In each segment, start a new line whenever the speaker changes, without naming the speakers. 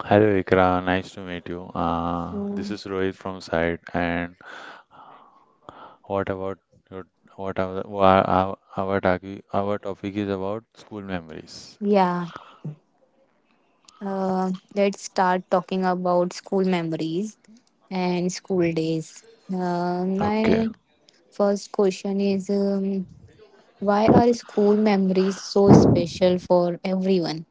Hello Ikra, nice to meet you. This
Mm,
is Rohit from Side, and what about your what our wha- our topic is about school memories.
yeah, let's start talking about school memories and school days. Uh,
Okay,
my first question is why are school memories so special for everyone?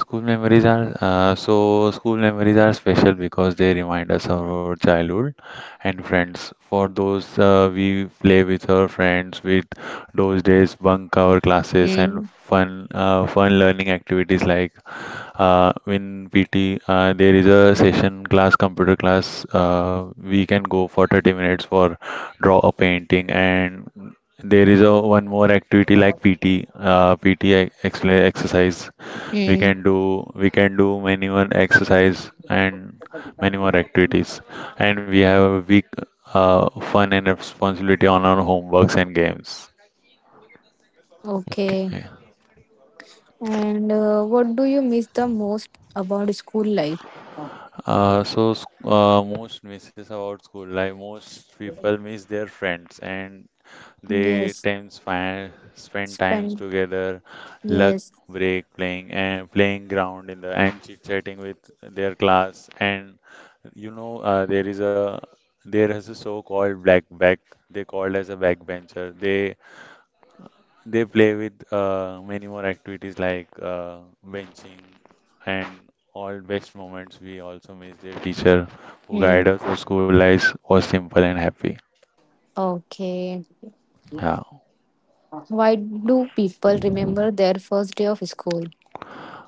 school memories are special because they remind us of our childhood and friends. For those we play with our friends, with those days bunk our classes and
Mm,
fun learning activities like in PT, there is a session class, computer class. We can go for 30 minutes for draw a painting, and there is a one more activity like PT exercise.
mm,
We can do many more exercise and many more activities, and we have a week fun and responsibility on our homeworks and games.
okay.
Yeah.
And what do you miss the most about school life?
Most misses about school life. Most people miss their friends and they
Yes,
times spend times
spend.
together, luck
Yes.
break playing and playing ground in the and chit chatting with their class. And you know, there is a so-called black back. They called as a backbencher. They play with many more activities like benching and all best moments. We also miss their teacher who
Mm,
guided us through school life was simple and happy.
okay.
Yeah.
Why do people remember their first day of school?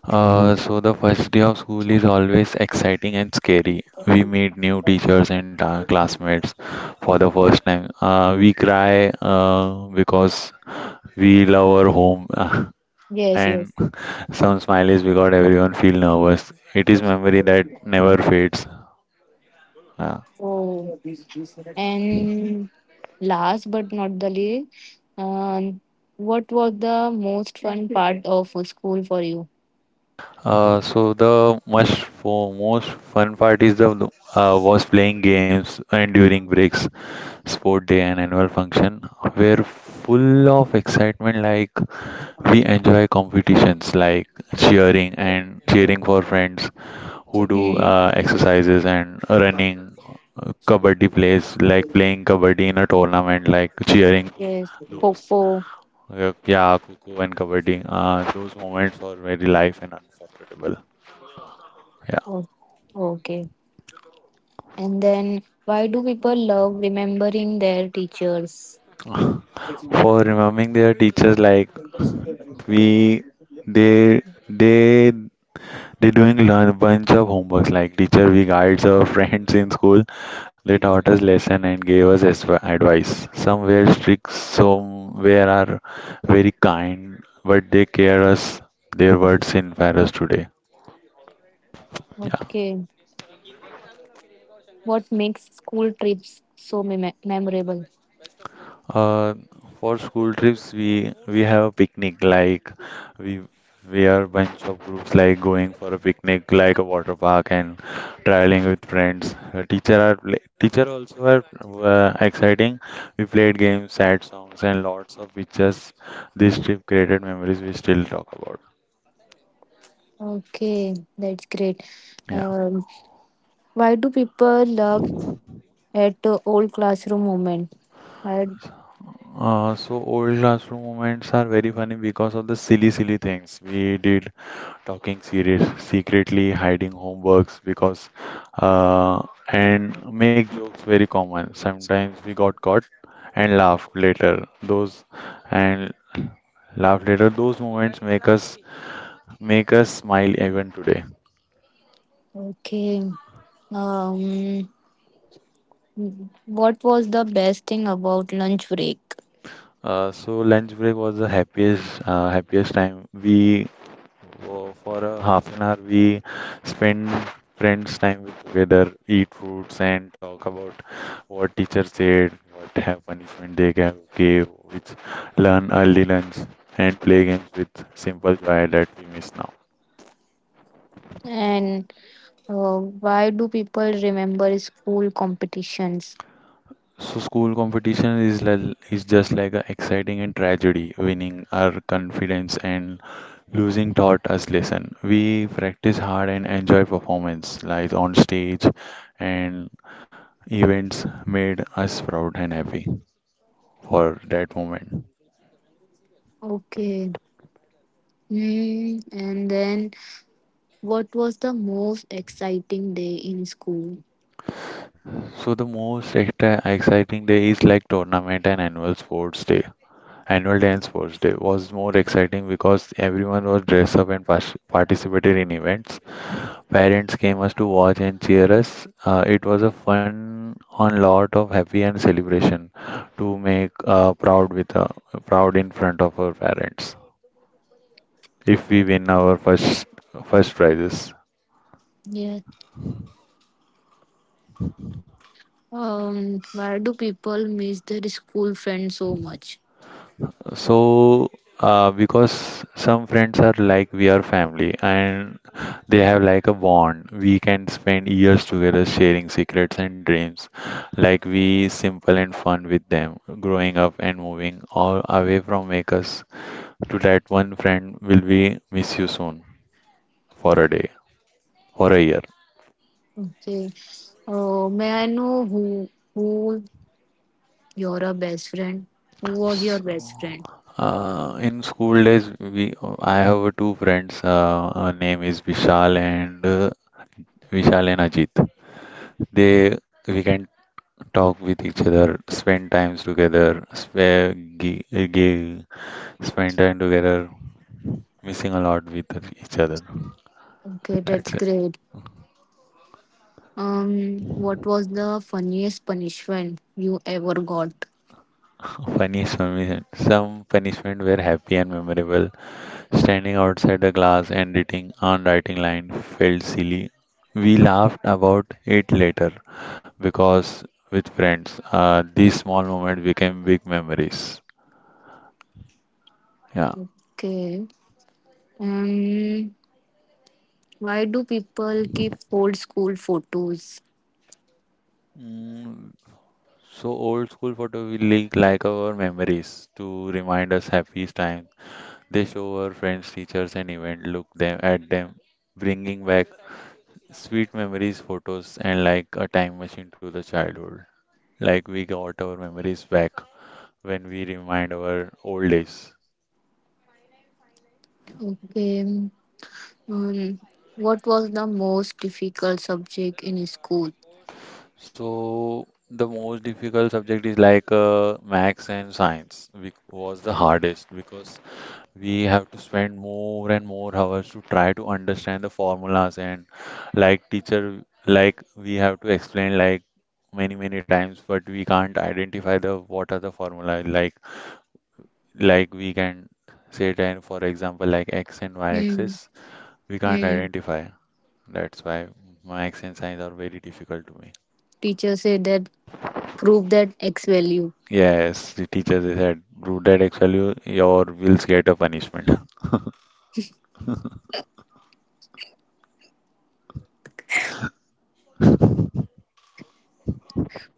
The first day of school is always exciting and scary. We meet new teachers and classmates for the first time. We cry because we love our home,
Yes,
and
yes.
some smiles because everyone feel nervous. It is memory that never fades. Yeah.
So, and last but not the least, um, what was the most fun part of school for you?
So the much for Most fun part is the was playing games and during breaks, sport day and annual function were full of excitement. Like we enjoy competitions like cheering for friends who do
Hmm.
exercises and running, kabaddi plays like playing kabaddi in a tournament, like cheering
Yes,
those.
Coco.
Yeah, yeah, cuckoo and kabaddi. Those moments are very life and unforgettable.
Oh, okay. And then, why do people love remembering their teachers?
For remembering their teachers like we they they they doing learn bunch of homeworks like teacher we guides our friends in school, they taught us lesson and gave us advice. Some were strict, some were are very kind, but they care us. Their words inspire us today.
Okay. What makes school trips so memorable?
Uh, for school trips, we have a picnic. Like we we are bunch of groups like going for a picnic, like a water park, and traveling with friends. Teacher also are exciting. We played games, sad songs, and lots of pictures. This trip created memories we still talk about.
Okay, that's great.
Yeah.
Um, Why do people love at the old classroom moment? I,
Old classroom moments are very funny because of the silly, silly things we did, talking serious, secretly hiding homeworks because, uh, and make jokes very common. Sometimes we got caught and laughed later. And Those moments make us smile even today.
okay. Um, what was the best thing about lunch break?
Lunch break was the happiest time we. For a half an hour, we spend friends time with together, eat fruits, and talk about what teacher said, what have punishment they gave, which learn early lunch, and play games with simple joy that we miss now.
And why do people remember school competitions?
So school competition is li is just like an exciting and tragedy. Winning our confidence and losing taught us lesson. We practice hard and enjoy performance, like on stage, and events made us proud and happy for that moment.
Okay. Hmm. And then, what was the most exciting day in school?
So the most extra exciting day is like tournament and annual sports day. Annual day and sports day was more exciting because everyone was dressed up and participated in events. Parents came us to watch and cheer us. It was a fun on lot of happy and celebration to make proud with proud in front of our parents if we win our first prizes.
Yeah. Why do people miss their school friends so much?
So, because some friends are like we are family and they have like a bond. We can spend years together sharing secrets and dreams. Like we simple and fun with them. Growing up and moving all away from make us to that one friend will be miss you soon, for a day, for a year.
Okay. May I know who you're a best friend. Who was your
S-
best friend?
In school days, we I have two friends. Name is Vishal and Ajit. They we can Talk with each other, spend times together, spend time together, missing a lot with each other.
Okay, that's
That's it.
great. What was the funniest punishment you ever got?
Punishment. Some punishment were happy and memorable. Standing outside the class and writing on writing line felt silly. We laughed about it later because with friends, these small moments became big memories. Yeah.
Okay. Um, why do people keep old school photos?
Mm, so old school photo will link like our memories to remind us happiest times. They show our friends, teachers, and event. Look them at them, bringing back sweet memories, photos, and like a time machine to the childhood. Like we got our memories back when we remind our old days.
Okay. Um, what was the most difficult subject in school?
So the most difficult subject is like max and science, which was the hardest because we have to spend more and more hours to try to understand the formulas and like teacher like we have to explain like many many times, but we can't identify the what are the formula, like we can say that for example like x and y
Hmm.
axis, we can't
Hmm.
identify. That's why max and science are very difficult to me.
Teacher said that prove that X value.
Yes, the teacher they said do that x value, your wills get a punishment.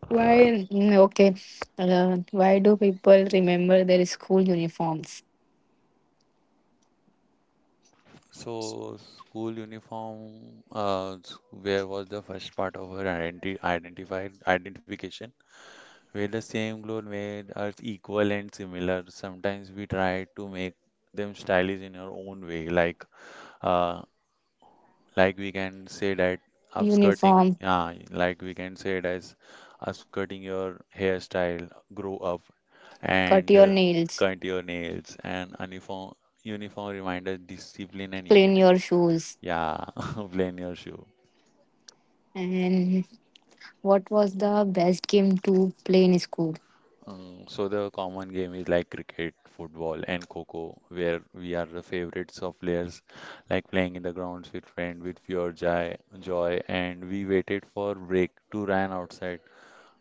Why? Mm, okay. Why do people remember their school uniforms?
So, school uniform, where was the first part of her identification, where the same clothes made us equal and similar. Sometimes we try to make them stylish in our own way, uh, like we can say that upskirting,
Uniform.
yeah, like we can say it as upskirting your hairstyle, grow up,
Cut
and
your nails,
cut your nails, and uniform reminders discipline and
clean
unity.
your shoes.
Yeah, plain your shoe.
And what was the best game to play in school?
So the common game is like cricket, football, and Coco, where we are the favorites of players, like playing in the grounds with friend with pure joy, joy, and we waited for break to run outside.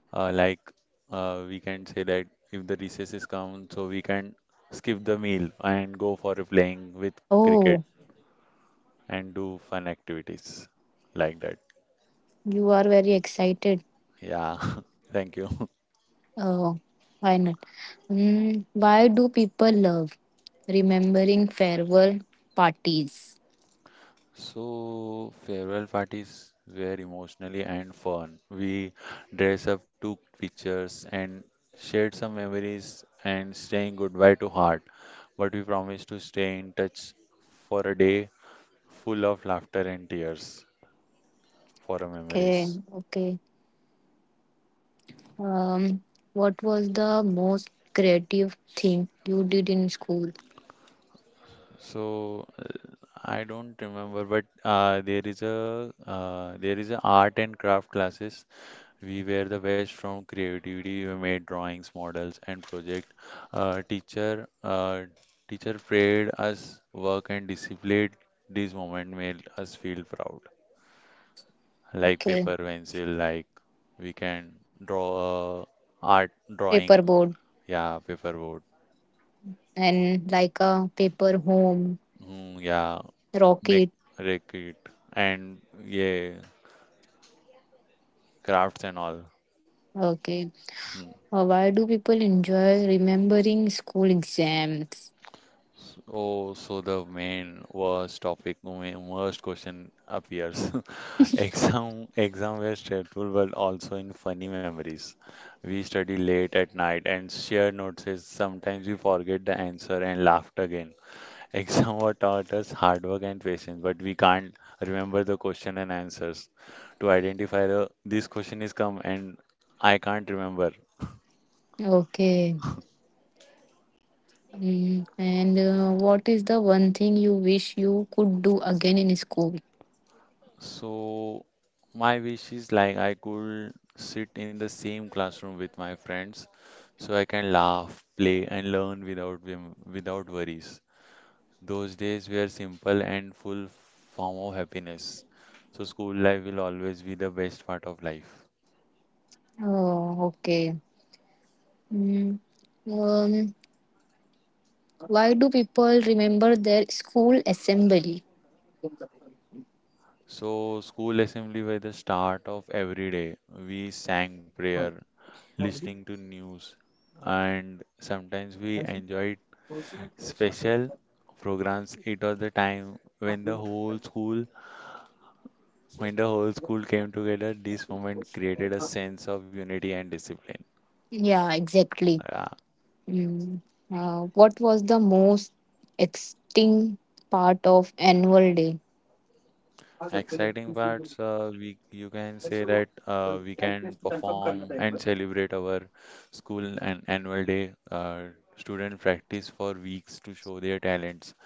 Like we can say that if the recesses come, so we can skip the meal and go for a playing with cricket
Oh,
and do fun activities like that.
you are very excited.
Yeah, thank you.
Oh, why not? Mm, why do people love remembering farewell parties?
So, farewell parties were emotionally and fun. We dressed up, took pictures, and shared some memories and saying goodbye to heart. But we promised to stay in touch, for a day full of laughter and tears, for our
Okay,
memories.
okay. Um, what was the most creative thing you did in school?
So, I don't remember, but there is a art and craft classes. We were the best from creativity. We made drawings, models, and project. Uh, teacher uh, Teacher prayed us work and discipline. This moment made us feel proud. Like
Okay,
paper, pencil, like we can draw art drawing.
paperboard
Yeah, paper board.
and like a paper home
Mm, yeah,
rocket.
make, make it, and yeah, crafts and all.
Okay,
Mm.
Why do people enjoy remembering school exams?
The main worst question appears. Exam were stressful, but also in funny memories. We study late at night and share notes. Is Sometimes we forget the answer and laughed again. Exam were taught us hard work and patience, but we can't remember the question and answers. To identify the this question is come and I can't remember.
Okay. Mm. And what is the one thing you wish you could do again in school?
So my wish is like I could sit in the same classroom with my friends so I can laugh, play and learn without worries. Those days were simple and full form of happiness. So school life will always be the best part of life.
Oh, okay. Mm. Um, why do people remember their school assembly?
So school assembly were the start of every day. We sang prayer, listening to news, and sometimes we enjoyed special programs. It was the time when the whole school came together. This moment created a sense of unity and discipline.
Yeah, exactly.
Yeah.
Mm. What was the most exciting part of annual day?
Exciting parts, we you can say that we can perform and celebrate our school and annual day. Student practice for weeks to show their talents.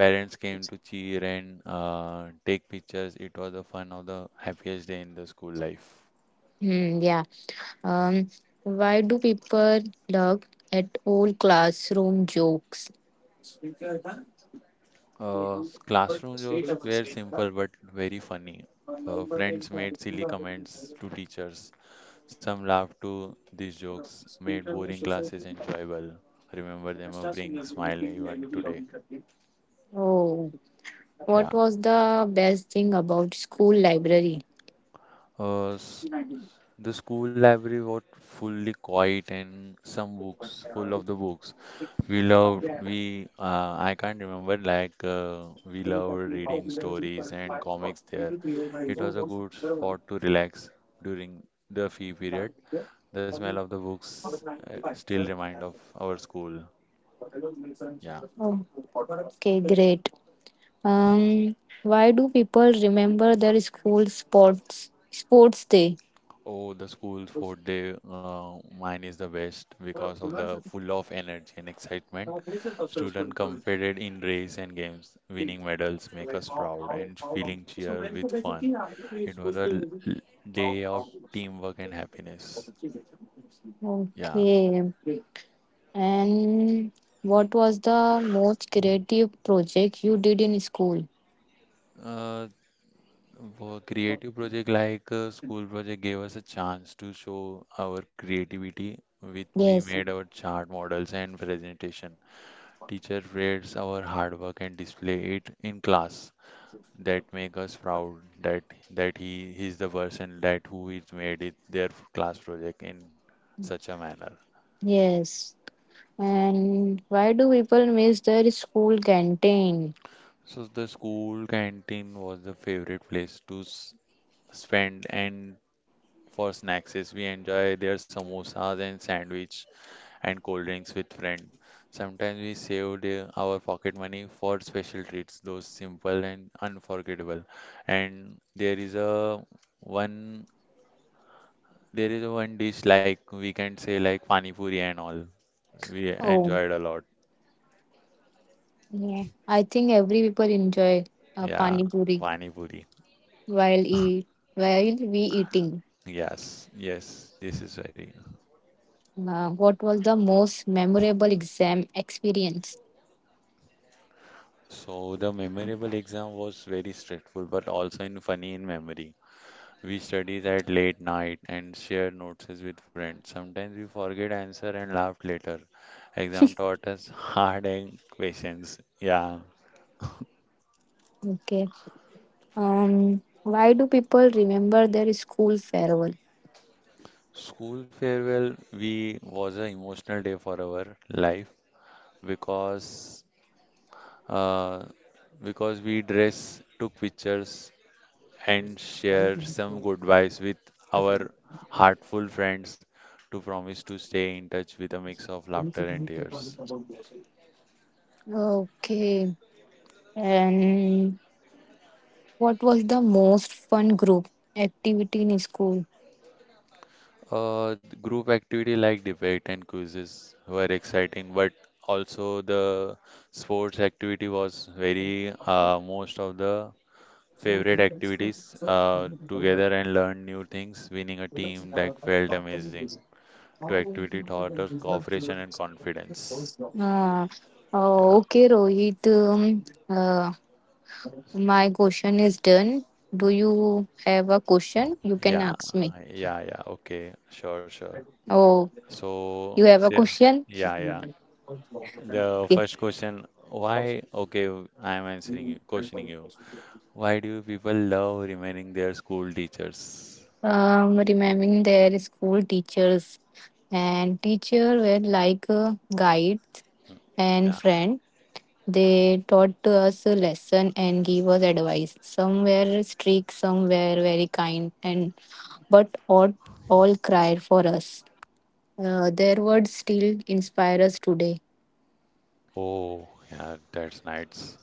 Parents came to cheer and take pictures. It was a fun of the happiest day in the school life.
Hmm, yeah. Um, why do people look at old classroom jokes?
Classroom jokes were simple but very funny. Friends made silly comments to teachers. Some laughed to these jokes, made boring classes enjoyable. Remember them or bring smile even today.
Oh, what
Yeah.
was the best thing about school library?
Uh, the school library was fully quiet and some books, full of the books. I can't remember, like, we loved reading stories and comics there. It was a good spot to relax during the fee period. The smell of the books still remind of our school. Yeah.
Oh, okay, great. Um, why do people remember their school sports day?
Oh, the school fourth day, mine is the best because of the full of energy and excitement. Students competed in race and games, winning medals make us proud and feeling cheer with fun. It was a day of teamwork and happiness. Yeah.
Okay, and what was the most creative project you did in school?
Uh, for creative project like school project gave us a chance to show our creativity. With we
Yes,
made our chart models and presentation. Teacher praised our hard work and display it in class. That make us proud that he's the person that who is made it their class project in such a manner.
yes. And why do people miss their school canteen?
So the school canteen was the favorite place to spend and for snacks is we enjoy their samosas and sandwich and cold drinks with friends. Sometimes we saved our pocket money for special treats, those simple and unforgettable. And one there is one dish like we can say like pani puri and all. We
Oh,
enjoyed a lot.
yeah. I think every people enjoy
Yeah,
pani puri
pani puri.
while eat while we eating.
Yes, yes, this is very.
What was the most memorable exam experience?
So the memorable exam was very stressful, but also in funny in memory. We studied at late night and shared notes with friends. Sometimes we forget answer and laughed later. Exam taught us hard and questions. Yeah.
Okay. Why do people remember their school farewell?
School farewell we was an emotional day for our life because uh, because we dress, took pictures, and share some good vibes with our heartful friends to promise to stay in touch with a mix of laughter and tears.
Okay. And what was the most fun group activity in school?
The group activity like debate and quizzes were exciting, but also the sports activity was very most of the favorite activities together and learn new things, winning a team that felt amazing. To activity
Uh,
taught us cooperation and confidence.
oh,
Yeah,
okay, Rohit. My question is done. Do you have a question? You can
yeah,
ask me.
yeah, yeah. Okay, sure, sure.
Oh,
So,
you have a
yeah,
question?
yeah, yeah. The
Okay.
first question, why? Okay, I am answering you, questioning you. Why do people love remaining their school teachers?
Remembering their school teachers and teacher were like guides and
Yeah.
friends. They taught to us a lesson and gave us advice. Some were strict, some were very kind, and but all cried for us. Their words still inspire us today.
Oh, yeah, that's nice.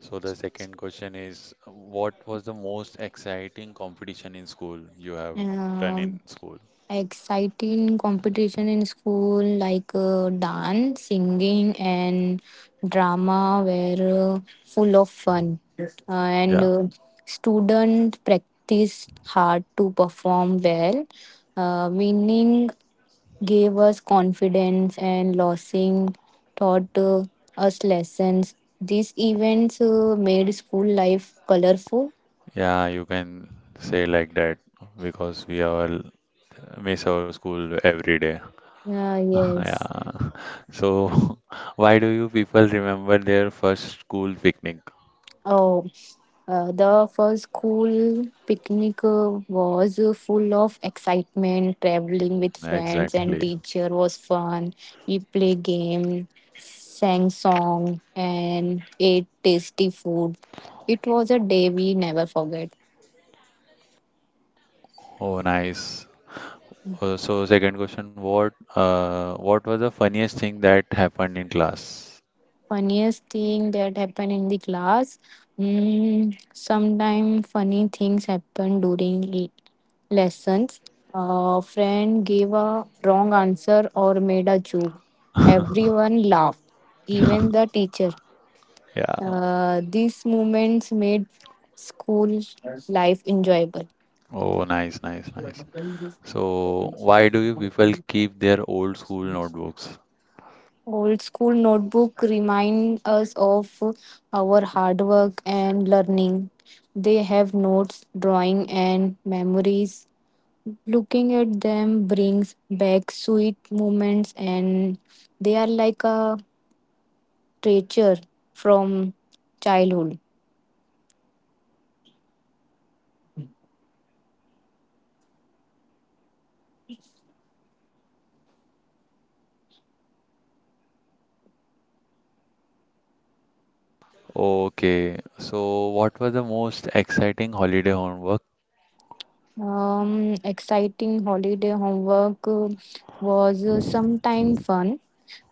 So the second question is, what was the most exciting competition in school you have done in
Um,
school?
exciting competition in school like dance, singing, and drama were full of fun, and students practiced hard to perform well winning gave us confidence and losing taught us lessons. These events made school life colorful.
Yeah, you can say like that because we all miss our school every day.
Yeah, yes.
Yeah. So, why do you people remember their first school picnic?
Oh, the first school picnic was full of excitement. Traveling with friends
Exactly.
and teacher was fun. We play game, sang song, and ate tasty food. It was a day we never forget.
Oh, nice. Oh, so, second question, what was the funniest thing that happened in class?
Funniest thing that happened in the class. Mm, sometimes funny things happen during lessons. A friend gave a wrong answer or made a joke. Everyone laughed, even the teacher.
Yeah.
These moments made school life enjoyable.
Oh, nice, nice, nice. So, why do you people keep their old school notebooks?
Old school notebook remind us of our hard work and learning. They have notes, drawing, and memories. Looking at them brings back sweet moments, and they are like a treasure from childhood.
Okay, so what was the most exciting holiday homework?
Exciting holiday homework was sometime fun.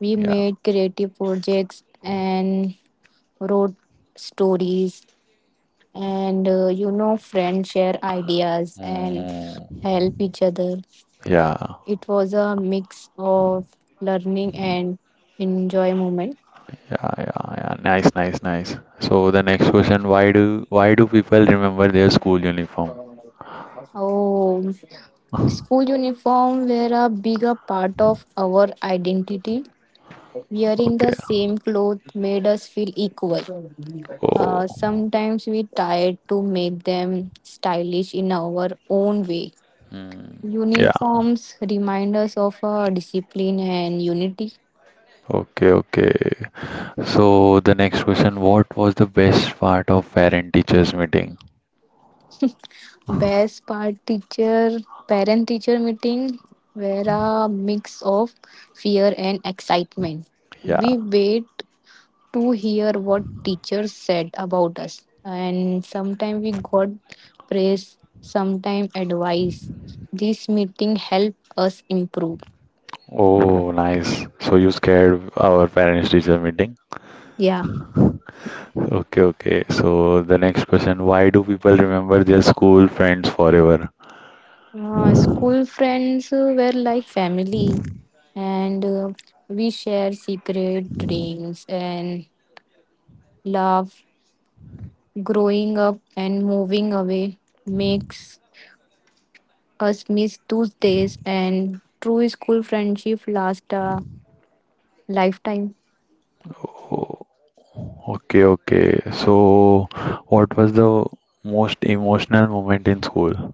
We
Yeah.
made creative projects and wrote stories, and you know, friends share ideas and
Mm,
help each other.
yeah.
It was a mix of learning and enjoy moment.
Yeah, yeah, yeah. Nice, nice, nice. So the next question: Why do people remember their school uniform?
Oh, school uniform were a bigger part of our identity. Wearing the
Okay.
same clothes made us feel equal.
Oh.
Sometimes we tried to make them stylish in our own way.
Yeah.
Uniforms remind us of our discipline and unity.
Okay, okay. So the next question: What was the best part of parent teachers meeting?
Best part teacher parent teacher meeting were a mix of fear and excitement.
Yeah.
We wait to hear what teachers said about us and sometimes we got praise sometimes advice. This meeting helped us improve.
Oh, nice. So you scared our parents teacher meeting?
Yeah,
Okay, okay. So the next question: Why do people remember their school friends forever?
school friends were like family and we share secret dreams and love growing up and moving away makes us miss those days and true school friendship lasts a lifetime.
Oh, okay, okay. So, what was the most emotional moment in school?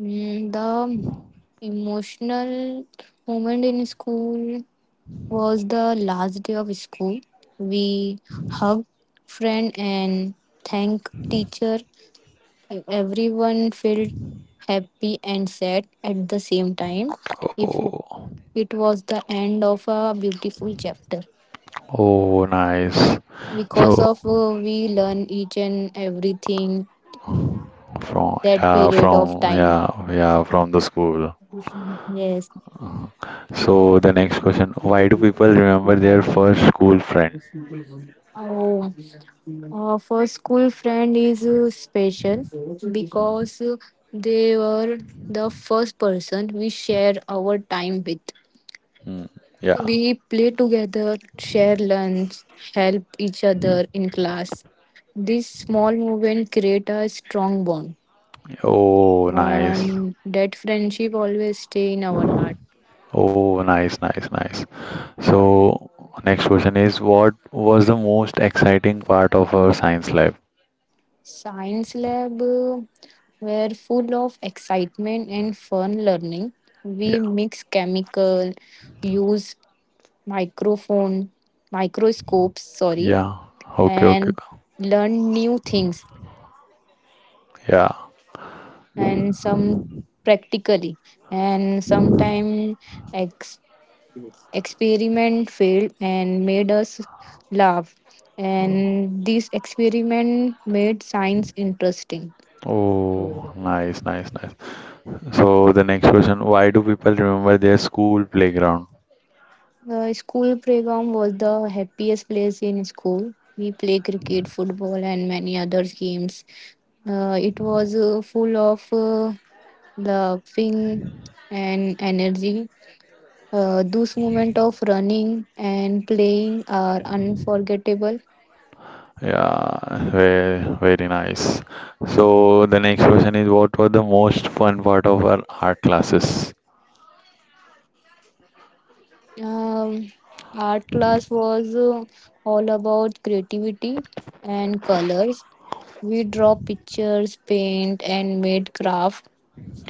Mm, the emotional moment in school was the last day of school. We hugged friend and thank teacher. Everyone felt happy and sad at the same time. If
Oh,
it was the end of a beautiful chapter,
oh, nice.
because
So,
of we learn each and everything that period of
from
time.
yeah, yeah, from the school.
Yes.
So, the next question: Why do people remember their first school friend?
Oh, for school friend is special because they were the first person we shared our time with.
Mm. Yeah.
We play together, share lunch, help each other in class. This small movement create a strong bond,
Oh, nice.
and that friendship always stay in our heart.
Oh, nice, nice, nice. So, next question is: What was the most exciting part of our science lab?
Science lab were full of excitement and fun learning.
Yeah.
We mix chemical, use microphone, microscopes, sorry,
Yeah. Okay, okay.
and learn new things
Yeah.
and some practically and sometime ex- experiment failed and made us laugh and this experiment made science interesting.
Oh, nice, nice, nice. So the next question, why do people remember their school playground?
The school playground was the happiest place in school. We play cricket, football, and many other games. It was full of laughing and energy. Those moments of running and playing are unforgettable.
Yeah, very, very nice. So the next question is, what was the most fun part of our art classes?
Um, art class was all about creativity and colors. We draw pictures, paint, and made crafts.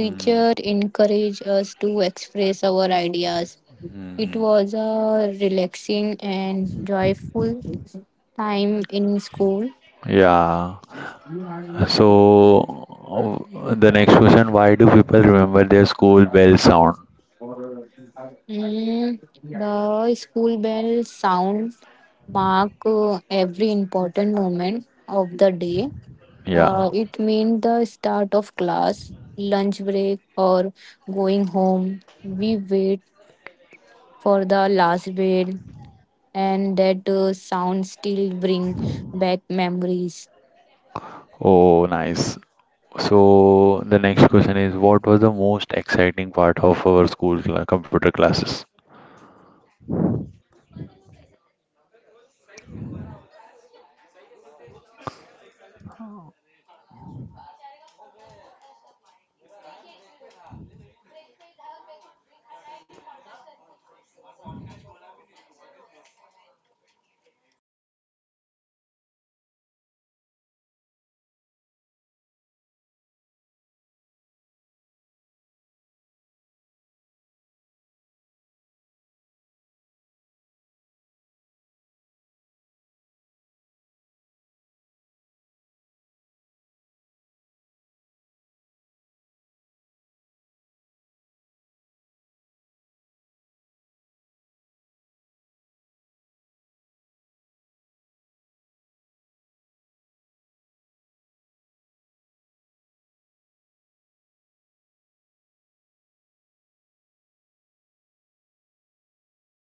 Mm,
encouraged us to express our ideas. It
mhm.
was a relaxing and joyful time in school.
Yeah. So the next question, why do people remember their school bell sound?
Mm, the school bell sound mark every important moment of the day.
Yeah.
It means the start of class, lunch break, or going home. We wait for the last bell and that sound still bring back memories.
Oh, nice. So the next question is, what was the most exciting part of our school computer classes?
Computer class introduce us to technology. We learn typing, drawing, and simple program. It felt amazing to use computers for the first time. Those lessons help us in today digital world. Mm, uh, next question, Rohit.